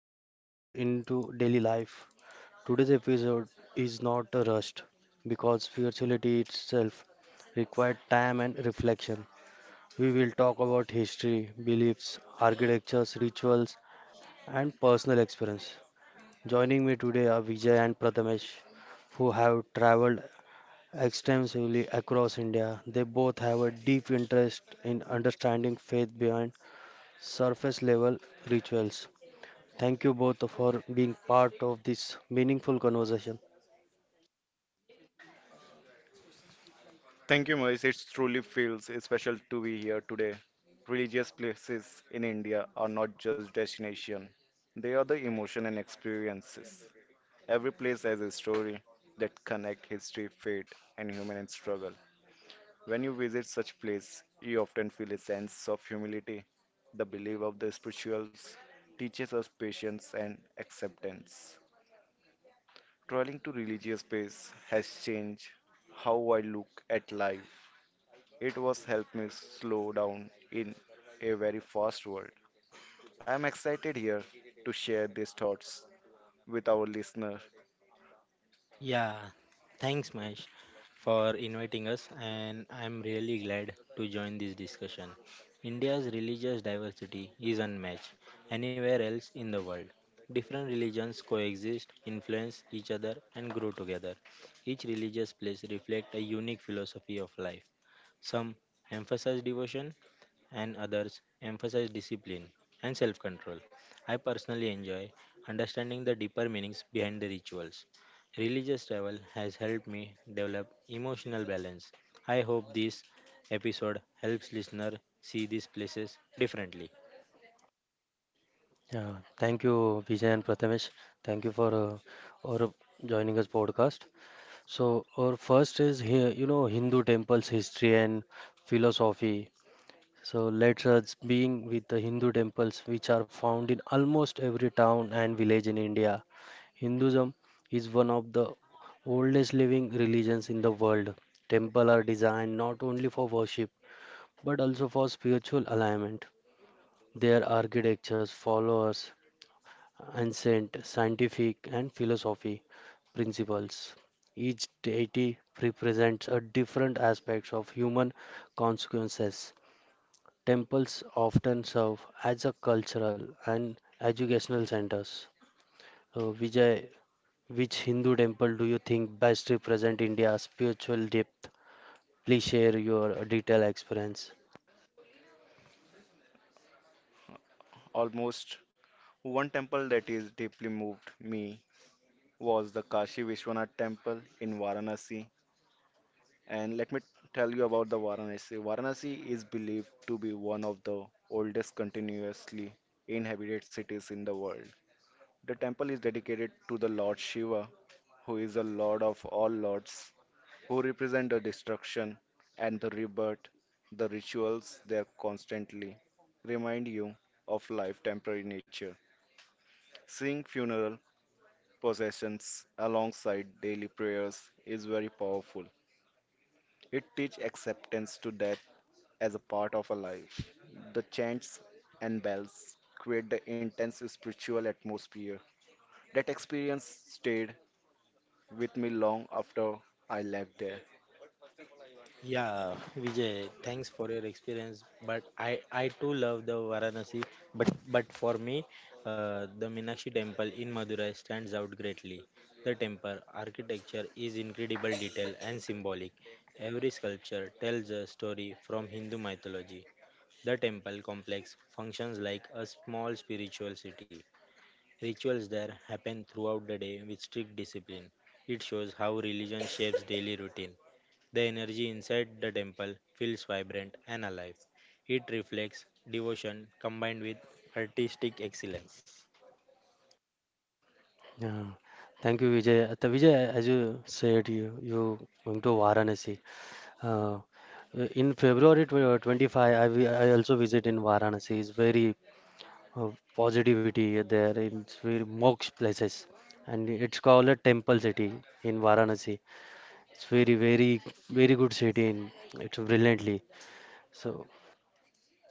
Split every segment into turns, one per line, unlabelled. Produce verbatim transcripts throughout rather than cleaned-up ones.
is woven into daily life. Today's episode is not a rush because spirituality itself required time and reflection. We will talk about history, beliefs, architectures, rituals, and personal experience. Joining me today are Vijay and Prathamesh, who have traveled extensively across India. They both have a deep interest in understanding faith behind surface level rituals. Thank you both for being part of this meaningful conversation.
Thank you, Moise. It truly feels special to be here today. Religious places in India are not just destination; they are the emotion and experiences. Every place has a story that connect history, faith, and human struggle. When you visit such place, you often feel a sense of humility. The belief of the spirituals teaches us patience and acceptance. Traveling to religious space has changed how I look at life. It was helped me slow down in a very fast world. I am excited here to share these thoughts with our listener.
Yeah, thanks, Mahesh, for inviting us, and I'm really glad to join this discussion. India's religious diversity is unmatched anywhere else in the world. Different religions coexist, influence each other, and grow together. Each religious place reflects a unique philosophy of life. Some emphasize devotion, and others emphasize discipline and self control. I personally enjoy understanding the deeper meanings behind the rituals. Religious travel has helped me develop emotional balance. I hope this episode helps listener see these places differently.
Yeah, thank you, Vijay and Prathamesh. Thank you for uh, or joining us podcast. So, our first is here, you know, Hindu temples history and philosophy. So, let us being with the Hindu temples, which are found in almost every town and village in India. Hinduism is one of the oldest living religions in the world. Temple are designed not only for worship but also for spiritual alignment. Their architectures follows ancient scientific and philosophy principles. Each deity represents a different aspect of human consequences. Temples often serve as a cultural and educational centers. Uh, Vijay, which Hindu temple do you think best represent India's spiritual depth? Please share your detailed experience.
Almost one temple that is deeply moved me was the Kashi Vishwanath temple in Varanasi. And let me tell you about the Varanasi. Varanasi is believed to be one of the oldest continuously inhabited cities in the world. The temple is dedicated to the Lord Shiva, who is the Lord of all lords who represent the destruction and the rebirth. The rituals there constantly remind you of life temporary nature. Seeing funeral processions alongside daily prayers is very powerful. It teaches acceptance to death as a part of a life. The chants and bells create the intense spiritual atmosphere. That experience stayed with me long after I left there.
Yeah, Vijay, thanks for your experience. But I, I too love the Varanasi. But but for me, uh, the Meenakshi temple in Madurai stands out greatly. The temple architecture is incredible detail and symbolic. Every sculpture tells a story from Hindu mythology. The temple complex functions like a small spiritual city. Rituals there happen throughout the day with strict discipline. It shows how religion shapes daily routine. The energy inside the temple feels vibrant and alive. It reflects devotion combined with artistic excellence.
Yeah. Thank you, Vijay. Uh, the Vijay, as you said, you you going to Varanasi. Uh, uh, in February tw- uh, 25, I, vi- I also visit in Varanasi. It's very uh, positivity there. It's very moksha places, and it's called a temple city in Varanasi. It's very, very, very good city. In, it's brilliantly. So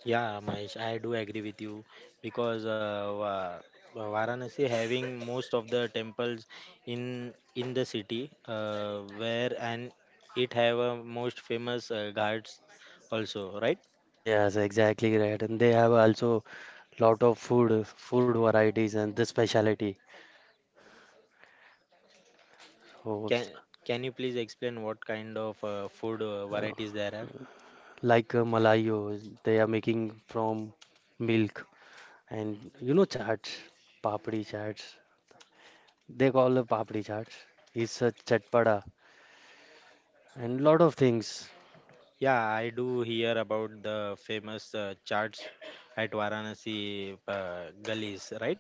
Yeah, Mahesh, I do agree with you because uh, Va- Varanasi having most of the temples in in the city uh, where and it have a most famous uh, ghats also, right?
yes, exactly right. And they have also lot of food, food varieties, and the specialty. So,
Can can you please explain what kind of uh, food uh, varieties there are?
like uh, malayo, they are making from milk and you know chaats, papdi chaats. They call
Yeah,
it papdi chaats. It's a chatpada and lot of things.
yeah, I do hear about the famous uh, charts at Varanasi uh, gullies, right?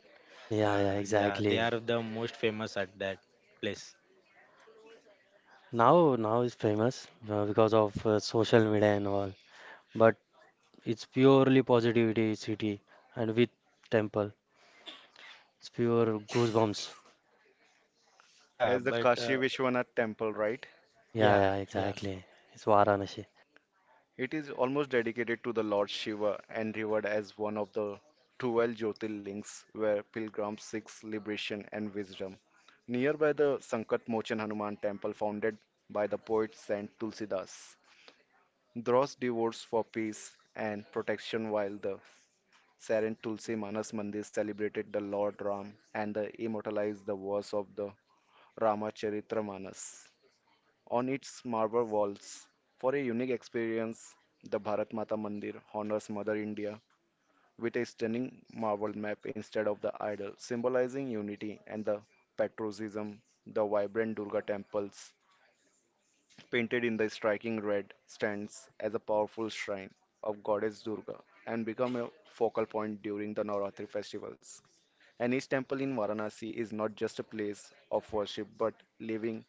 Uh,
Yeah, yeah,
yeah, they
exactly.
are the most famous at that place.
Now, now it's famous uh, because of uh, social media and all. But it's purely positivity city and with temple. It's pure goosebumps.
Yeah,
As the
but
Kashi
uh,
Vishwanath temple, right?
Yeah,
yeah,
yeah,
yeah,
exactly. It's Varanasi.
It is almost dedicated to the Lord Shiva and revered as one of the twelve Jyotirlings, where pilgrims seek liberation and wisdom. Nearby, the Sankat Mochan Hanuman temple, founded by the poet Saint Tulsidas, draws devotes for peace and protection, while the Saint Tulsi Manas Mandir celebrated the Lord Ram and the immortalized the verse of the Ramacharitra Manas on its marble walls. For a unique experience, the Bharat Mata Mandir honors Mother India with a stunning marble map instead of the idol, symbolizing unity and the patriotism. The vibrant Durga temples, painted in the striking red, stands as a powerful shrine of goddess Durga and become a focal point during the Navratri festivals. And each temple in Varanasi is not just a place of worship but living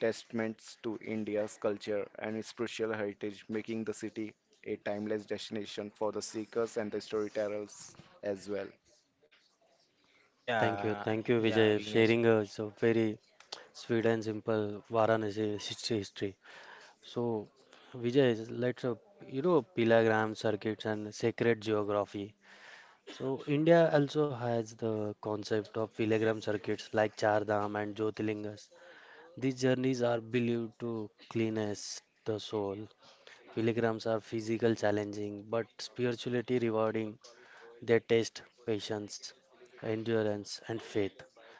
testaments to India's culture and its spiritual heritage, making the city a timeless destination for the seekers and the storytellers as well.
Thank you,
yeah,
thank you,
yeah,
Vijay,
Vignesh.
sharing uh, it's a very sweet and simple Varanasi history history. So Vijay, let's uh, you know pilgrim circuits and sacred geography. So India also has the concept of pilgrim circuits like Char Dham and Jyotirlingas. These journeys are believed to cleanse the soul. Pilgrims are physical challenging but spiritually rewarding. They test patience, endurance, and faith.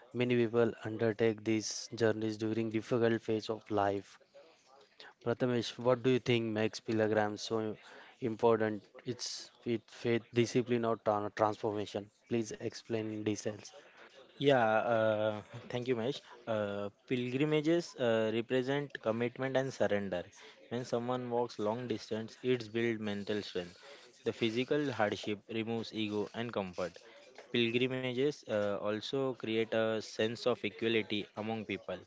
Many people undertake these journeys during difficult phase of life. Prathamesh, what do you think makes pilgrims so important? It's it faith discipline, or tran- transformation. Please explain in details.
Yeah, uh, thank you, Mesh. Uh, pilgrimages uh, represent commitment and surrender. When someone walks long distance, it's build mental strength. The physical hardship removes ego and comfort. Pilgrimages uh, also create a sense of equality among people.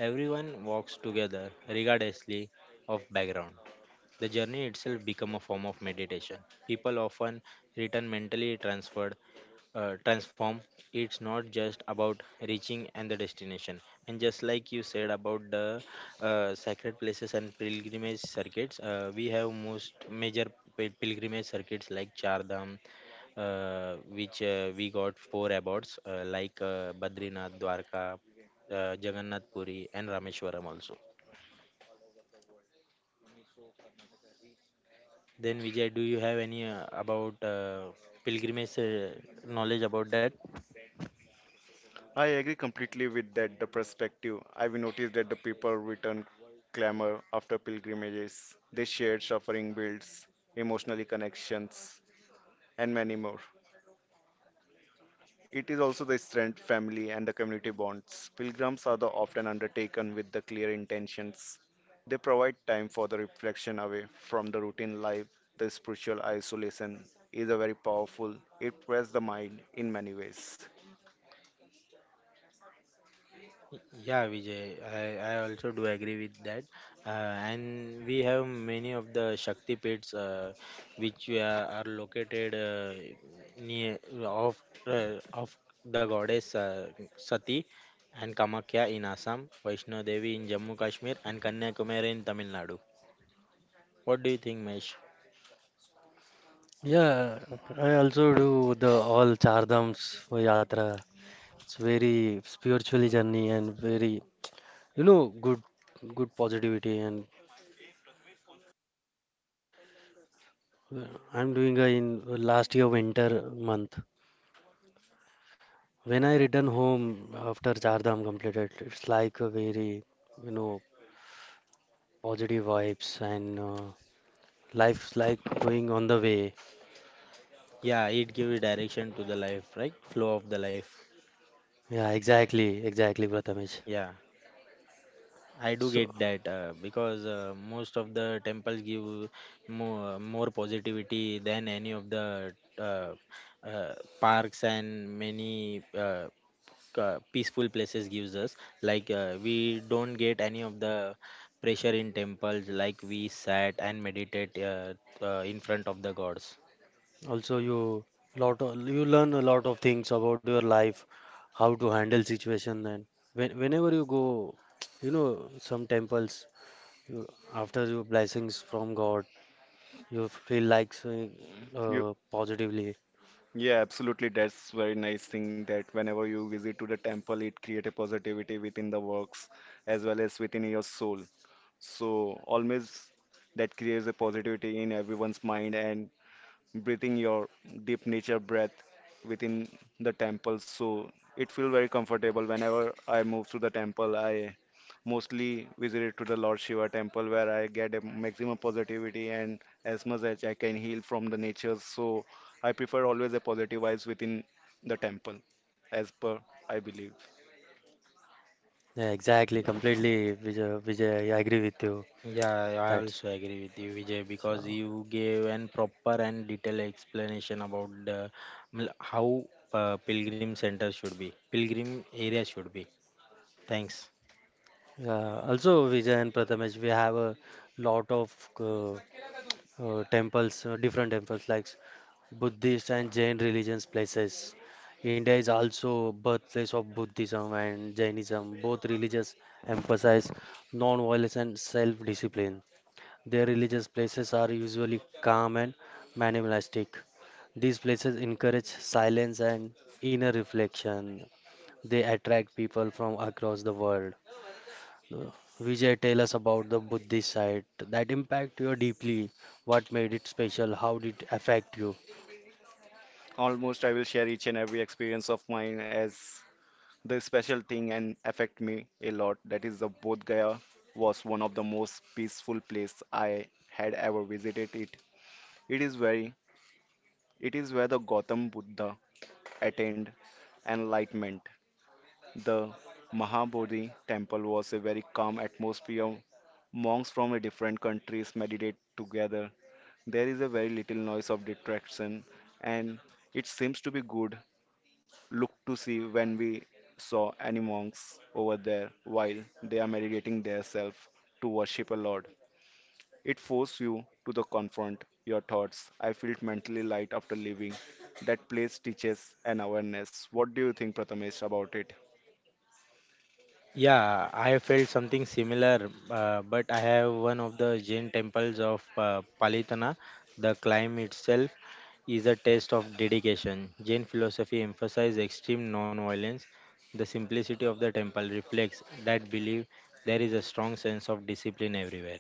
Everyone walks together, regardlessly of background. The journey itself become a form of meditation. People often return mentally transferred, uh, transform. It's not just about reaching and the destination. And just like you said about the uh, sacred places and pilgrimage circuits, uh, we have most major pil- pilgrimage circuits like Chardham, uh, which uh, we got four abodes uh, like uh, Badrinath, Dwarka, uh, Jagannath Puri, and Rameshwaram also. Then Vijay, do you have any uh, about uh, pilgrimage uh, knowledge about that?
I agree completely with that the perspective. I've noticed that the people return clamor after pilgrimages. They shared suffering builds, emotional connections, and many more. It is also the strength, family, and the community bonds. Pilgrims are the often undertaken with the clear intentions. They provide time for the reflection away from the routine life. The spiritual isolation is a very powerful. It prepares the mind in many ways.
Yeah, Vijay, I, I also do agree with that. Uh, and we have many of the Shakti pits uh, which we are, are located uh, near of uh, of the goddess uh, Sati and Kamakhya in Assam, Vaishno Devi in Jammu Kashmir, and Kanyakumari in Tamil Nadu. What do you think, Mesh?
Yeah, I also do the all Char Dhams for Yatra. It's very spiritual journey and very, you know, good, good positivity and Uh, I'm doing a in last year winter month. When I return home after Char Dham completed, it's like a very, you know, positive vibes and uh, life's like going on the way.
Yeah, it gives direction to the life, right? Flow of the life.
Yeah, exactly, exactly, Prathamesh.
Yeah. I do
So
get that uh, because uh, most of the temples give more, more positivity than any of the uh, uh, parks and many uh, uh, peaceful places gives us. Like uh, we don't get any of the pressure in temples, like we sat and meditate uh, uh, in front of the gods.
also you lot of, you learn a lot of things about your life, how to handle situation, and when, whenever you go, you know, some temples you, after your blessings from God. You feel like so,
You,
uh, positively.
yeah, absolutely. That's very nice thing that whenever you visit to the temple, it create a positivity within the works as well as within your soul. So always that creates a positivity in everyone's mind and breathing your deep nature breath within the temple, so it feels very comfortable. Whenever I move to the temple, I mostly visit to the Lord Shiva temple where I get a maximum positivity and as much as I can heal from the nature. So I prefer always a positive vibes within the temple, as per I believe.
Yeah, exactly, completely, Vijay, Vijay, I agree with you.
Yeah, I
That's
also agree with you, Vijay, because
so.
you gave an proper and detailed explanation about the, mil- how uh, pilgrim center should be, pilgrim area should be. Thanks.
Yeah, also Vijay and Prathamesh, we have a lot of uh, uh, temples, uh, different temples like Buddhist and Jain religions places. India is also birthplace of Buddhism and Jainism. Both religions emphasize non-violence and self-discipline. Their religious places are usually calm and minimalistic. These places encourage silence and inner reflection. They attract people from across the world. Uh, Vijay, tell us about the Buddhist site that impact you deeply. What made it special? How did it affect you?
Almost I will share each and every experience of mine as. The special thing and affect me a lot that is the Bodh Gaya was one of the most peaceful place I had ever visited it. It is very, it is where the Gautam Buddha attained enlightenment. The Mahabodhi temple was a very calm atmosphere. Monks from a different countries meditate together. There is a very little noise of distraction, and it seems to be good looked to see when we saw any monks over there while they are meditating themselves to worship a Lord. It forced you to the confront your thoughts. I felt mentally light after leaving. That place teaches an awareness. What do you think, Prathamesh, about it?
Yeah, I have felt something similar, uh, but I have one of the Jain temples of uh, Palitana. The climb itself is a test of dedication. Jain philosophy emphasizes extreme non-violence. The simplicity of the temple reflects that belief. There is a strong sense of discipline everywhere,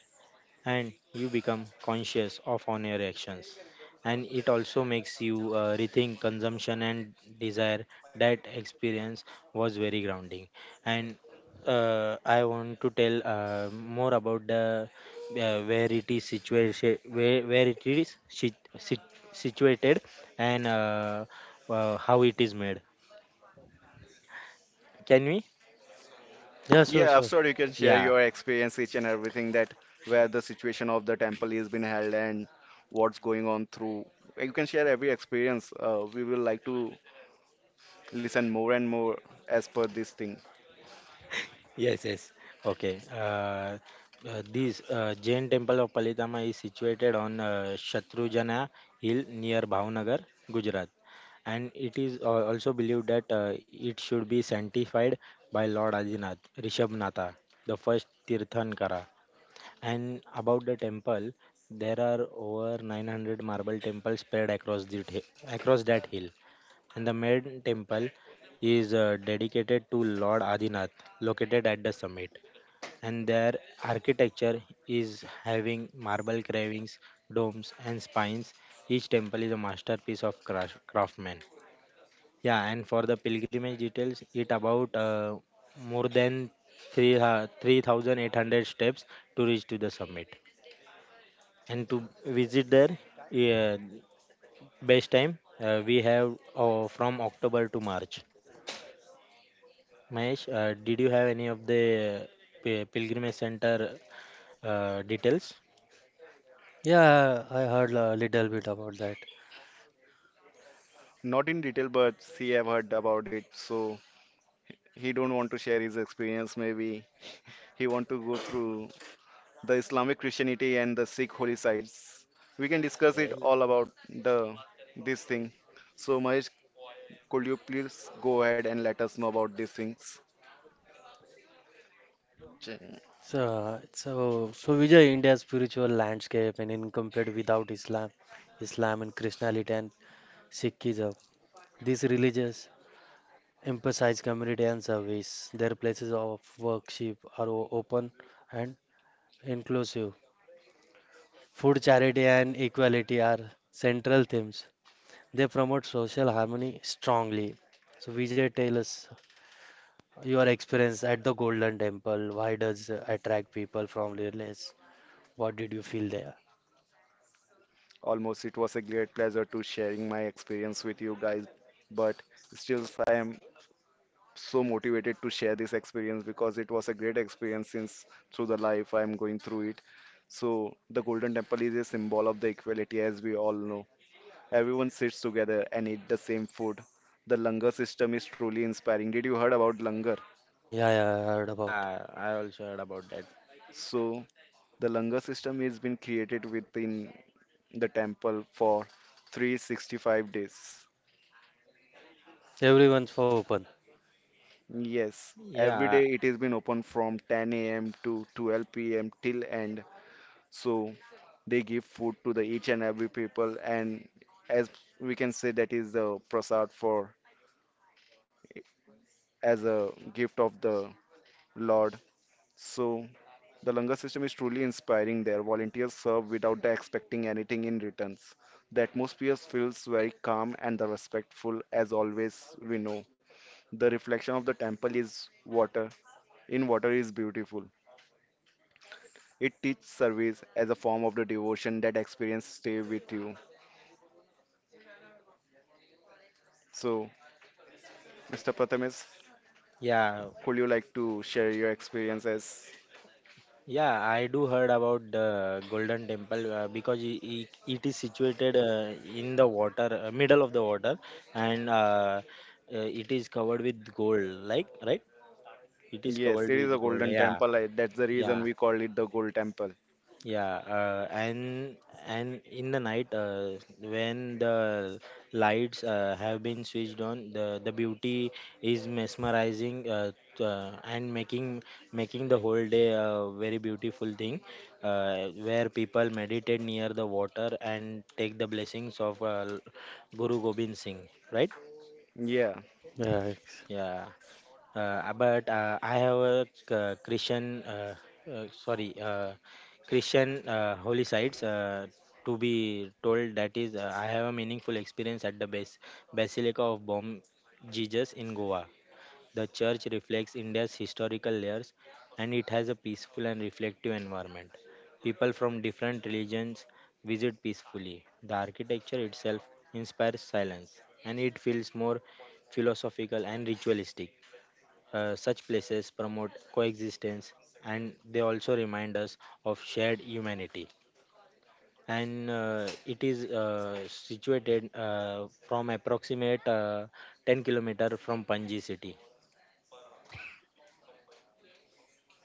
and you become conscious of on your actions, and it also makes you uh, rethink consumption and desire. That experience was very grounding, and uh, I want to tell uh, more about the uh, where it is situation where, where it is sit, sit, situated and uh, uh, how it is made, can we?
Yeah, sure,
Yeah,
sure.
absolutely. You can share
Yeah
your experience, each and everything that where the situation of the temple is being held and what's going on through. You can share every experience. Uh, we will like to listen more and more as per this thing.
Yes, yes. Okay. Uh, uh, this uh, Jain temple of Palitama is situated on uh, Shatrujana Hill near Bhavnagar, Gujarat, and it is uh, also believed that uh, it should be sanctified by Lord Adinath, Rishabhnatha, the first Tirthankara. And about the temple, there are over nine hundred marble temples spread across the t- across that hill. And the main temple is uh, dedicated to Lord Adinath, located at the summit. And their architecture is having marble carvings, domes, and spines. Each temple is a masterpiece of crash- craftsman. Yeah, and for the pilgrimage details, it about uh, more than three uh, three thousand eight hundred steps to reach to the summit. And to visit there, yeah, best time uh, we have uh, from October to March. Mahesh, uh, did you have any of the pi- pilgrimage center uh, details?
Yeah, I heard a little bit about that.
Not in detail, but he have heard about it, so he don't want to share his experience. Maybe he want to go through the Islamic Christianity and the Sikh holy sites. We can discuss it
I-
all about the this thing. So Mahesh, could you please go ahead and let us know about these things? Ch-
So, so, so Vijay, India's spiritual landscape and incomplete without Islam, Islam and Christianity and Sikhism. These religions emphasize community and service. Their places of worship are o- open and inclusive. Food, charity, and equality are central themes. They promote social harmony strongly. So, Vijay, tell us your experience at the Golden Temple. Why does uh, attract people from religious? What did you feel there?
Almost, it was a great pleasure to sharing my experience with you guys, but still I am so motivated to share this experience because it was a great experience since through the life I'm going through it. So the Golden Temple is a symbol of the equality as we all know. Everyone sits together and eat the same food. The langar system is truly inspiring. Did you heard about langar?
Yeah, yeah, I heard about.
Yeah, I also heard about that.
So the langar system has been created within the temple for three hundred sixty-five days.
Everyone's for open.
Yes, every
Yeah,
day it has been open from ten a m to twelve p m till end. So they give food to the each and every people, and as we can say, that is the prasad for as a gift of the lord. So the langar system is truly inspiring. Their volunteers serve without the expecting anything in returns. The atmosphere feels very calm and the respectful. As always we know, the reflection of the temple is water, in water is beautiful. It teaches service as a form of the devotion. That experience stay with you. So, Mister Prathamesh,
yeah,
could you like to share your experiences?
yeah. I do heard about the Golden Temple uh, because i i- it is situated uh, in the water, uh, middle of the water, and uh, uh, it is covered with gold. Like, right? It is
Yes,
covered
it is
with
a
gold.
golden
Yeah,
temple. I, that's the
yeah.
reason we call it the gold temple.
Yeah, uh, and and in the night, uh, when the lights uh, have been switched on, the the beauty is mesmerizing, uh, t- uh, and making making the whole day a very beautiful thing, uh, where people meditate near the water and take the blessings of uh, Guru Gobind Singh, right?
Yeah,
Yeah,
Yeah. Uh, but uh, I have a c- Christian, uh, uh, sorry, uh, Christian uh, holy sites. Uh, to be told that is, uh, I have a meaningful experience at the base Basilica of Bom Jesus in Goa. The church reflects India's historical layers, and it has a peaceful and reflective environment. People from different religions visit peacefully. The architecture itself inspires silence, and it feels more philosophical and ritualistic. Uh, such places promote coexistence, and they also remind us of shared humanity. And uh, it is uh, situated uh, from approximate uh, 10 kilometer from Panji city.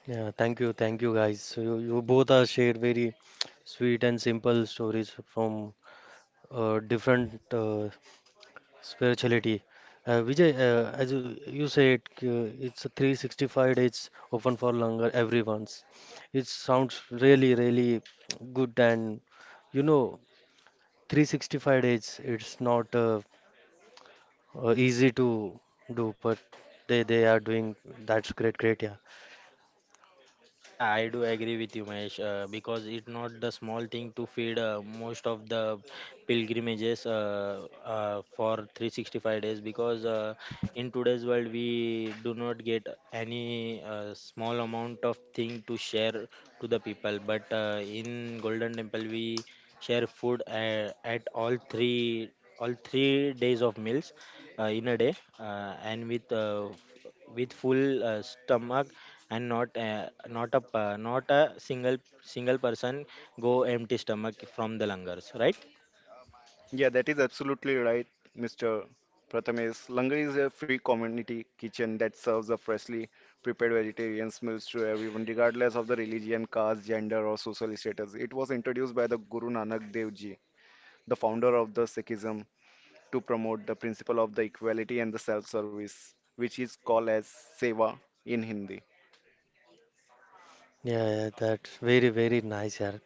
yeah, thank you, thank you guys. So you, you both are shared very sweet and simple stories from uh, different uh, spirituality. Uh, Vijay, uh, as you, you said, uh, it's a three hundred sixty-five days open for longer everyone's. It sounds really, really good and you know, three hundred sixty-five days, it's not uh, uh, easy to do, but they they are doing that's great, great, yeah.
Yeah, I do agree with you, Mahesh, uh, because it's not the small thing to feed uh, most of the pilgrimages uh, uh, for three hundred sixty-five days. Because uh, in today's world, we do not get any uh, small amount of thing to share to the people. But uh, in Golden Temple, we share food uh, at all three all three days of meals uh, in a day, uh, and with uh, with full uh, stomach, and not uh, not a pa- not a single single person go empty stomach from the langars, right?
yeah, that is absolutely right, Mister Prathamesh. Langar is a free community kitchen that serves a freshly prepared vegetarian meals to everyone, regardless of the religion, caste, gender, or social status. It was introduced by the Guru Nanak Dev Ji, the founder of the Sikhism, to promote the principle of the equality and the self-service, which is called as seva in Hindi.
Yeah, yeah, that's very, very nice, yeah.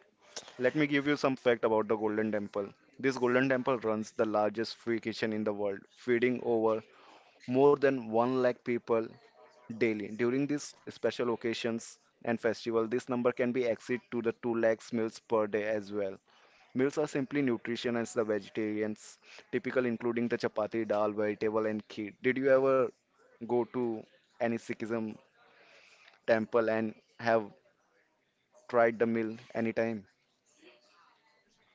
Let me give you some fact about the Golden Temple. This Golden Temple runs the largest free kitchen in the world, feeding over more than 1 lakh people daily. During these special occasions and festival, this number can be exceed to the 2 lakhs meals per day as well. Meals are simply nutrition as the vegetarians, typical including the chapati, dal, vegetable and kheer. Did you ever go to any Sikhism temple and have tried the meal anytime?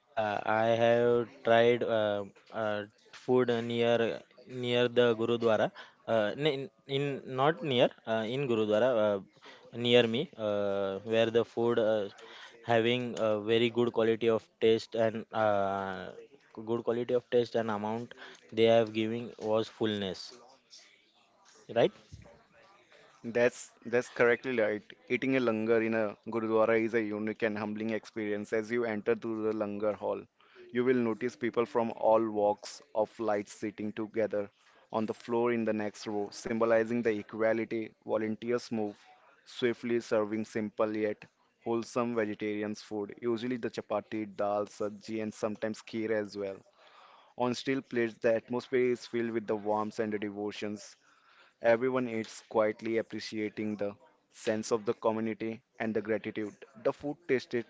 Yeah, I have tried uh, uh, food near near the gurudwara, uh, in, in not near uh, in gurudwara uh, near me, uh, where the food uh, having a very good quality of taste, and uh, good quality of taste and amount they have giving was fullness, right?
That's that's correctly right. Eating a langar in a gurudwara is a unique and humbling experience. As you enter through the langar hall, you will notice people from all walks of life sitting together on the floor in the next row, symbolizing the equality. Volunteers move swiftly, serving simple yet wholesome vegetarian food, usually the chapati, dal, sabji, and sometimes kheer as well. On steel plates, the atmosphere is filled with the warmth and the devotions. Everyone eats quietly, appreciating the sense of the community and the gratitude. The food tasted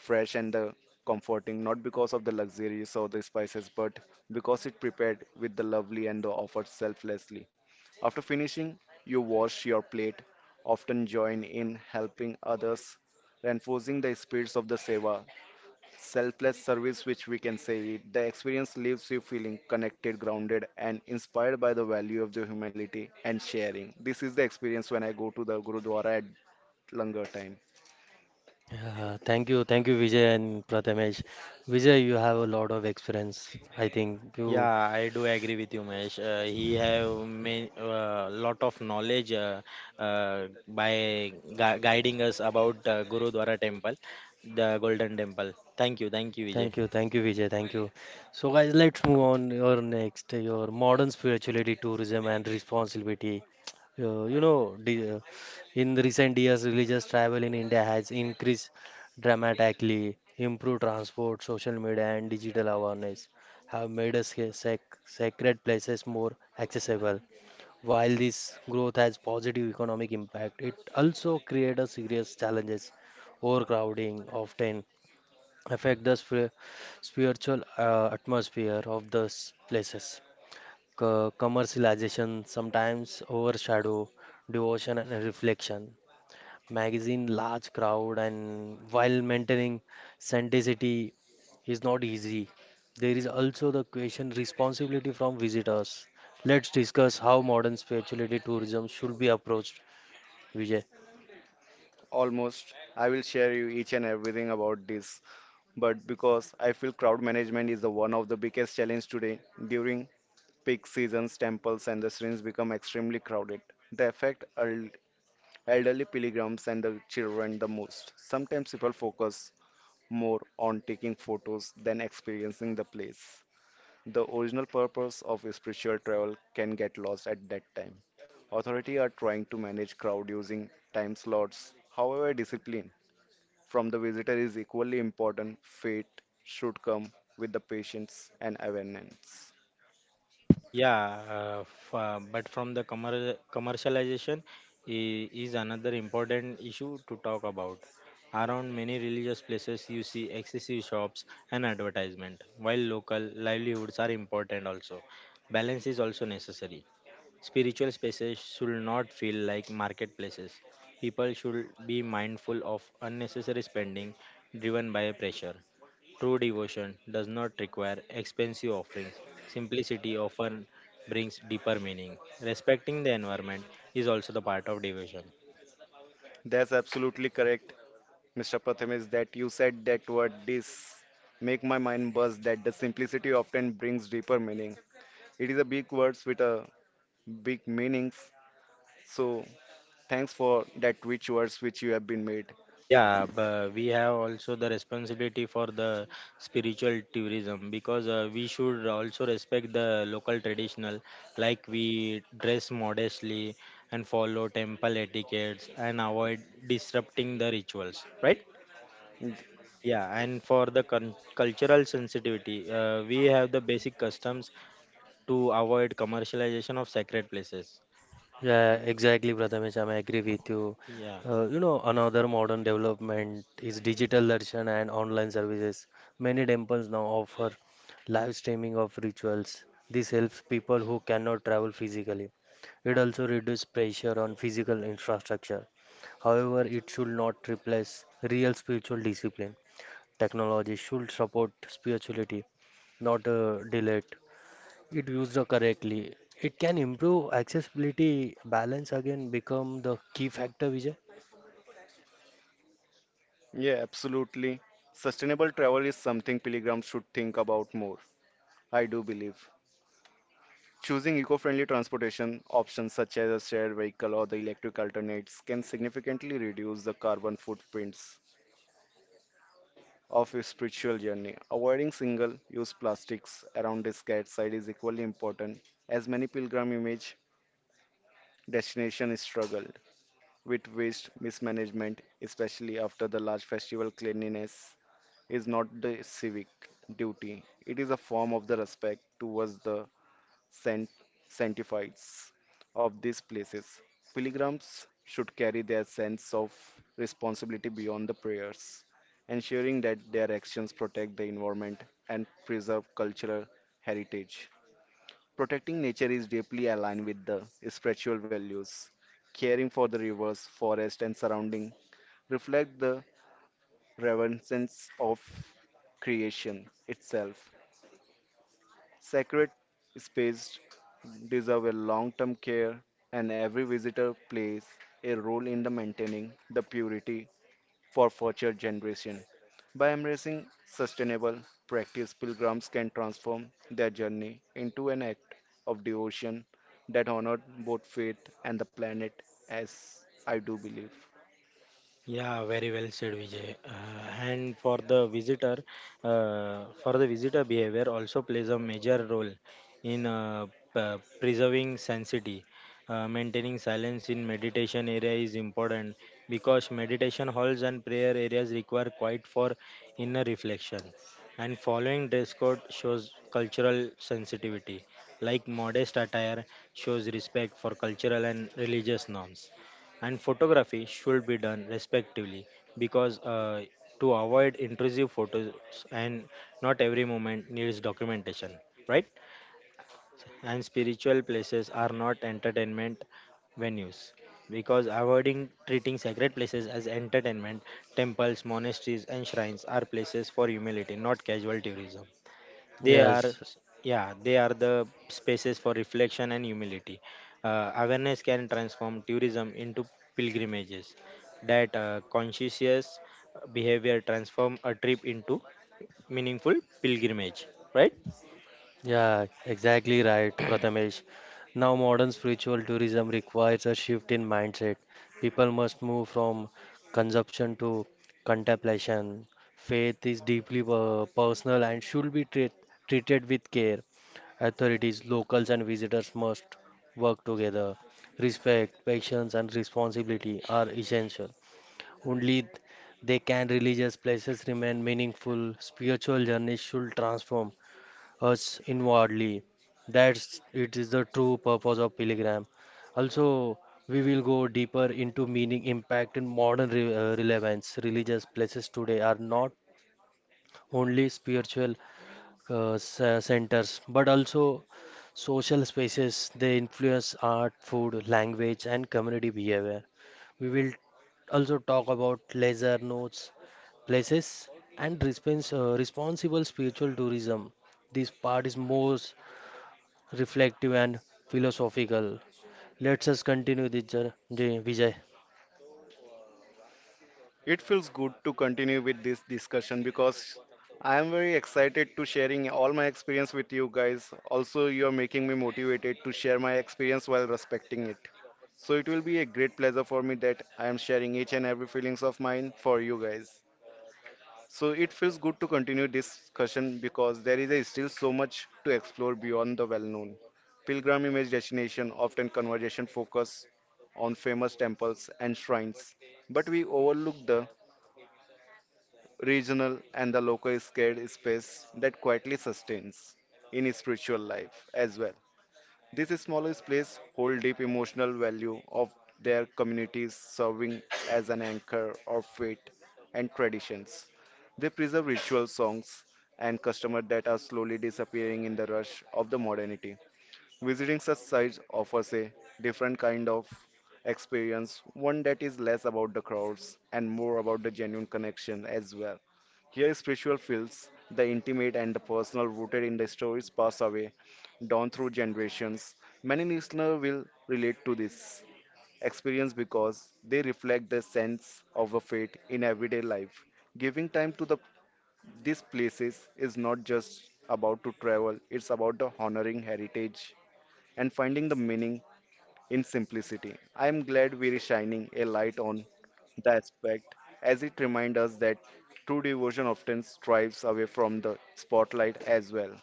fresh and the comforting, not because of the luxuries or the spices, but because it prepared with the lovely and the offered selflessly. After finishing, you wash your plate, often join in helping others, reinforcing the spirits of the seva selfless service, which we can say it. The experience leaves you feeling connected, grounded, and inspired by the value of the humility and sharing. This is the experience when I go to the Gurudwara at longer time.
Uh, thank you, thank you, Vijay and Prathamesh. Vijay, you have a lot of experience. I think
Yeah,
you.
I do agree with you, Mahesh. Uh, he have many, uh, lot of knowledge uh, uh, by gui- guiding us about uh, Gurudwara Temple, the Golden Temple. Thank you, thank you, Vijay.
Thank you, thank you, Vijay. Thank you. So, guys, let's move on. Your next, your modern spirituality, tourism, and responsibility. Uh, you know, the, uh, in the recent years, religious travel in India has increased dramatically. Improved transport, social media, and digital awareness have made us sac sacred places more accessible. While this growth has positive economic impact, it also creates a serious challenges. Overcrowding often affect the spir- spiritual uh, atmosphere of those places. Co- commercialization sometimes overshadow devotion and reflection magazine large crowd and while maintaining authenticity is not easy. There is also the question responsibility from visitors. Let's discuss how modern spirituality tourism should be approached, Vijay.
Almost, I will share you each and everything about this. But because I feel crowd management is the one of the biggest challenge today, during peak seasons, temples and the shrines become extremely crowded. They affect el- elderly pilgrims and the children the most. Sometimes people focus more on taking photos than experiencing the place. The original purpose of spiritual travel can get lost at that time. Authorities are trying to manage crowd using time slots. However, discipline from the visitor is equally important. Faith should come with the patience and awareness.
Yeah, uh, f uh, but from the commer commercialization i- is another important issue to talk about. Around many religious places, you see excessive shops and advertisement, while local livelihoods are important also. Balance is also necessary. Spiritual spaces should not feel like marketplaces. People should be mindful of unnecessary spending driven by pressure. True devotion does not require expensive offerings. Simplicity often brings deeper meaning. Respecting the environment is also the part of devotion.
That's absolutely correct, Mister Pratham, is that you said that word this make my mind buzz that the simplicity often brings deeper meaning. It is a big words with a big meanings. So thanks for that rich words which you have been made.
Yeah, but we have also the responsibility for the spiritual tourism because uh, we should also respect the local traditional, like we dress modestly and follow temple etiquettes and avoid disrupting the rituals, right?
And
Yeah, and for the con- cultural sensitivity, uh, we have the basic customs to avoid commercialization of sacred places.
Yeah, exactly, Prathamesh. I agree with you.
Yeah.
Uh, you know, another modern development is digital darshan and online services. Many temples now offer live streaming of rituals. This helps people who cannot travel physically. It also reduces pressure on physical infrastructure. However, it should not replace real spiritual discipline. Technology should support spirituality, not uh, delay it. It used correctly. It can improve accessibility. Balance again become the key factor, Vijay.
Yeah, absolutely. Sustainable travel is something pilgrims should think about more. I do believe. Choosing eco-friendly transportation options such as a shared vehicle or the electric alternates can significantly reduce the carbon footprints of a spiritual journey. Avoiding single-use plastics around the scared site is equally important, as many pilgrim image destinations struggled with waste mismanagement, especially after the large festival. Cleanliness is not the civic duty. It is a form of the respect towards the san- sanctifieds of these places. Pilgrims should carry their sense of responsibility beyond the prayers, ensuring that their actions protect the environment and preserve cultural heritage. Protecting nature is deeply aligned with the spiritual values. Caring for the rivers, forest, and surrounding reflect the reverence of creation itself. Sacred space deserve a long-term care, and every visitor plays a role in the maintaining the purity for future generation. By embracing sustainable practice, pilgrims can transform their journey into an act of devotion that honored both faith and the planet, as I do believe.
Yeah, very well said, Vijay. Uh, and for the visitor, uh, for the visitor behavior also plays a major role in uh, p- preserving sanctity. Uh, maintaining silence in meditation area is important because meditation halls and prayer areas require quiet for inner reflection. And following dress code shows cultural sensitivity, like modest attire shows respect for cultural and religious norms, and photography should be done respectively, because uh, to avoid intrusive photos, and not every moment needs documentation, right? And spiritual places are not entertainment venues, because avoiding treating sacred places as entertainment, temples monasteries and shrines are places for humility, not casual tourism. They are,
Yes,
yeah, they are the spaces for reflection and humility. Uh, awareness can transform tourism into pilgrimages, that uh, conscious behavior transform a trip into meaningful pilgrimage, right?
yeah, exactly right, Prathamesh. Now, modern spiritual tourism requires a shift in mindset. People must move from consumption to contemplation. Faith is deeply uh, personal and should be treat, treated with care. Authorities, locals, and visitors must work together. Respect, patience, and responsibility are essential. Only th- they can religious places remain meaningful. Spiritual journeys should transform us inwardly. That's it is the true purpose of pilgrim. Also, we will go deeper into meaning, impact, and modern re- uh, relevance. Religious places today are not only spiritual uh, s- centers, but also social spaces. They influence art, food, language, and community behavior. We will also talk about leisure notes places, and respons- uh, responsible spiritual tourism. This part is more reflective and philosophical. Let's us continue this jour- The Vijay.
It feels good to continue with this discussion because I am very excited to sharing all my experience with you guys. Also, you are making me motivated to share my experience while respecting it. So it will be a great pleasure for me that I am sharing each and every feelings of mine for you guys. So it feels good to continue this discussion because there is a still so much to explore beyond the well-known. Pilgrim image destination often conversation focus on famous temples and shrines, but we overlook the regional and the local scared space that quietly sustains in spiritual life as well. This smallest place hold deep emotional value of their communities, serving as an anchor of faith and traditions. They preserve ritual songs and customer that are slowly disappearing in the rush of the modernity. Visiting such sites offers a different kind of experience, one that is less about the crowds and more about the genuine connection as well. Here, spiritual feels the intimate and the personal, rooted in the stories passed away, down through generations. Many listeners will relate to this experience because they reflect the sense of a faith in everyday life. Giving time to the these places is not just about to travel; it's about the honoring heritage and finding the meaning in simplicity. I am glad we are shining a light on the aspect as it reminds us that true devotion often strives away from the spotlight as well.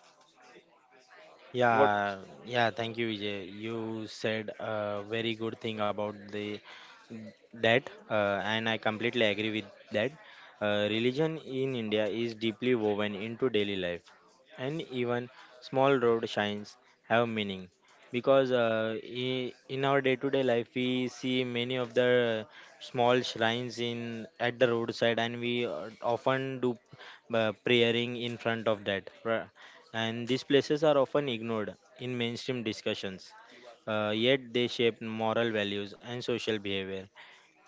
What?
Yeah, yeah, thank you, Vijay. You said a very good thing about the that, uh, and I completely agree with that. Uh, religion in India is deeply woven into daily life, and even small road signs have meaning, because uh, i- in our day-to-day life we see many of the small shrines in at the roadside, and we uh, often do uh, praying in front of that, and these places are often ignored in mainstream discussions. Uh, yet they shape moral values and social behavior.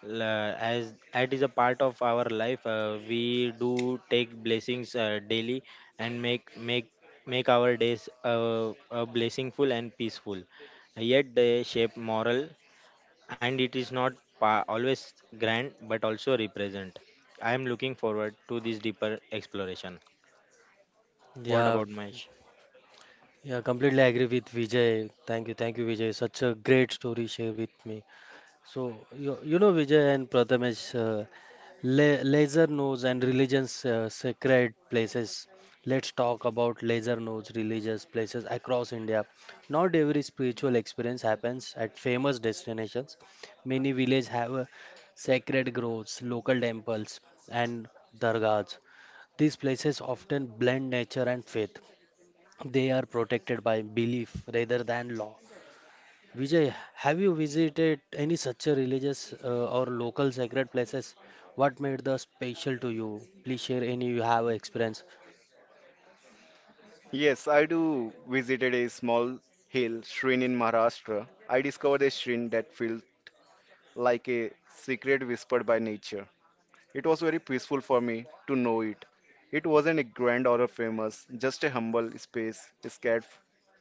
L- uh, as that is a part of our life, uh, we do take blessings uh, daily and make make make our days uh, uh, blessingful and peaceful. Yet they shape moral, and it is not pa- always grand, but also represent. I am looking forward to this deeper exploration. What
Yeah,
about Mahesh?
yeah, completely agree with Vijay. Thank you, thank you, Vijay. Such a great story share with me. So you, you know Vijay and Prathamesh. Uh, La- laser nose and religions uh, sacred places, let's talk about laser nose religious places across India. Not every spiritual experience happens at famous destinations. Many villages have uh, sacred groves, local temples, and dargahs. These places often blend nature and faith. They are protected by belief rather than law. Vijay, have you visited any such a religious uh, or local sacred places? What made the special to you? Please share any you have experience.
Yes, I do visited a small hill, shrine in Maharashtra. I discovered a shrine that feels like a secret whispered by nature. It was very peaceful for me to know it. It wasn't a grand or a famous, just a humble space cared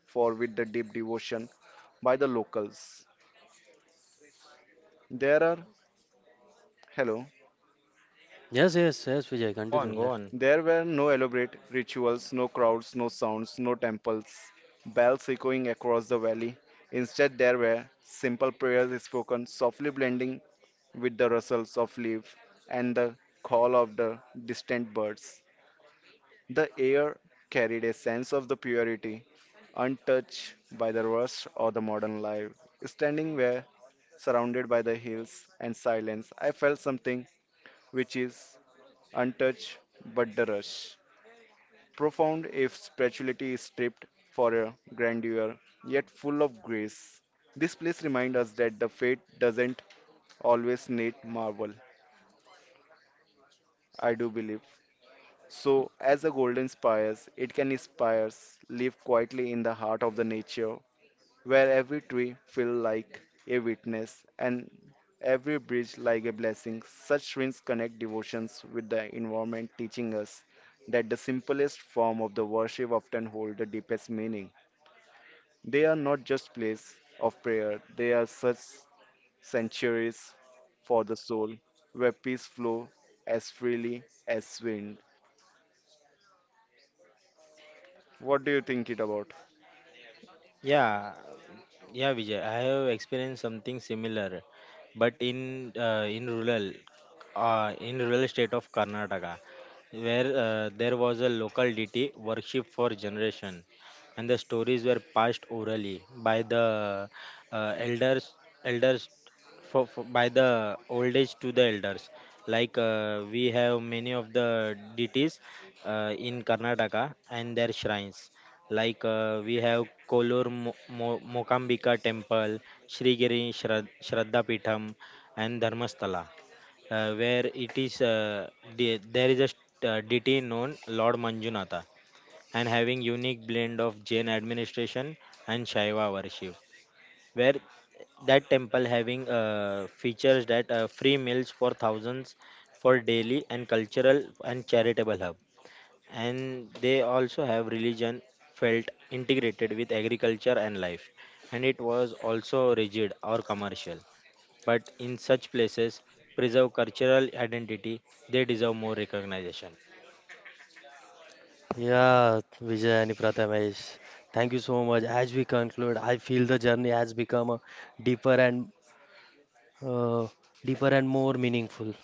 for with the deep devotion by the locals. There are hello.
Yes, yes, yes, Vijay,
Go
continue.
on, go
Let.
on.
There were no elaborate rituals, no crowds, no sounds, no temples, bells echoing across the valley. Instead, there were simple prayers spoken, softly blending with the rustles of leaves and the call of the distant birds. The air carried a sense of the purity, untouched by the rust or the modern life. Standing where, surrounded by the hills and silence, I felt something which is untouched but the rush. Profound if spirituality is stripped for a grandeur, yet full of grace. This place reminds us that the fate doesn't always need marble. I do believe. So, as a gold inspires, it can inspire live quietly in the heart of the nature, where every tree feel like a witness and every bridge like a blessing. Such rings connect devotions with the environment, teaching us that the simplest form of the worship often hold the deepest meaning. They are not just place of prayer; they are such sanctuaries for the soul, where peace flow as freely as wind. What do you think it about?
Yeah, yeah, Vijay. I have experienced something similar, but in uh, in rural, uh, in rural state of Karnataka, where uh, there was a local deity worship for generation, and the stories were passed orally by the uh, elders, elders for, for, by the old age to the elders. Like uh, we have many of the deities uh, in Karnataka and their shrines, like uh, we have Kollur Mo- Mo- Mokambika Temple, Srigiri Shrad- Shraddha Pitham, and Dharmasthala, uh, where it is uh, de- there is a st- uh, deity known Lord Manjunatha, and having unique blend of Jain administration and Shaiva worship, where that temple having uh, features that uh, free meals for thousands for daily and cultural and charitable hub, and they also have religion felt integrated with agriculture and life, and it was also rigid or commercial, but in such places preserve cultural identity. They deserve more recognition.
Yeah, Vijay and Prathamesh, thank you so much. As we conclude, I feel the journey has become a deeper and uh, deeper and more meaningful.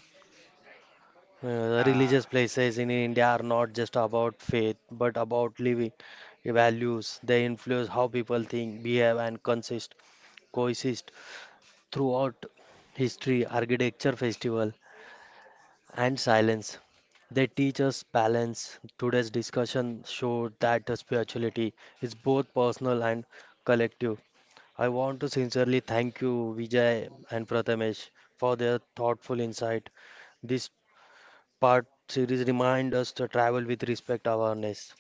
Uh,
Yeah,
religious places in India are not just about faith, but about living values. They influence how people think, behave, and consist. Coexist throughout history, architecture, festival, and silence. They teach us balance. Today's discussion showed that the spirituality is both personal and collective. I want to sincerely thank you, Vijay and Prathamesh, for their thoughtful insight. This part series reminds us to travel with respect awareness.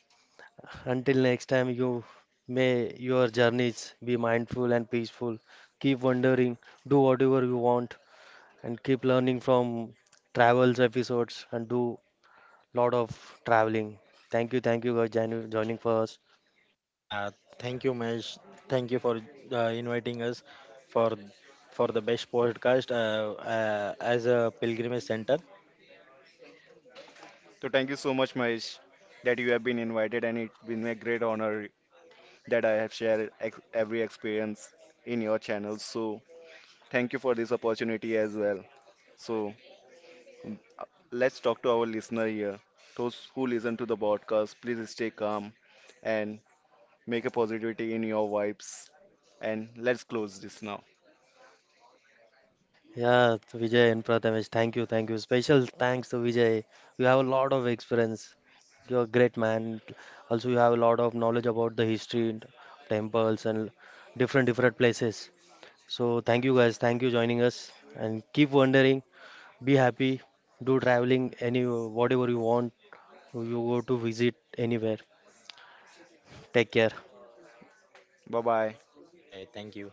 Until next time, you may your journeys be mindful and peaceful. Keep wondering, do whatever you want, and keep learning from travels episodes and do lot of traveling. Thank you, thank you for join- joining for us.
yeah, thank you, Mesh. Thank you for uh, inviting us for for the best podcast uh, uh, as a pilgrimage center.
So thank you so much, Mahesh, that you have been invited, and it's been a great honor that I have shared ex- every experience in your channel. So thank you for this opportunity as well. So mm, uh, let's talk to our listener here. Those who listen to the podcast, please stay calm and make a positivity in your vibes. And let's close this now.
Yeah, Vijay and Prathamesh, thank you, thank you. Special thanks to Vijay. You have a lot of experience. You're a great man. Also, you have a lot of knowledge about the history, and temples, and different different places. So, thank you guys. Thank you joining us. And keep wondering. Be happy. Do traveling any whatever you want. You go to visit anywhere. Take care.
Bye bye.
Bye. Thank you.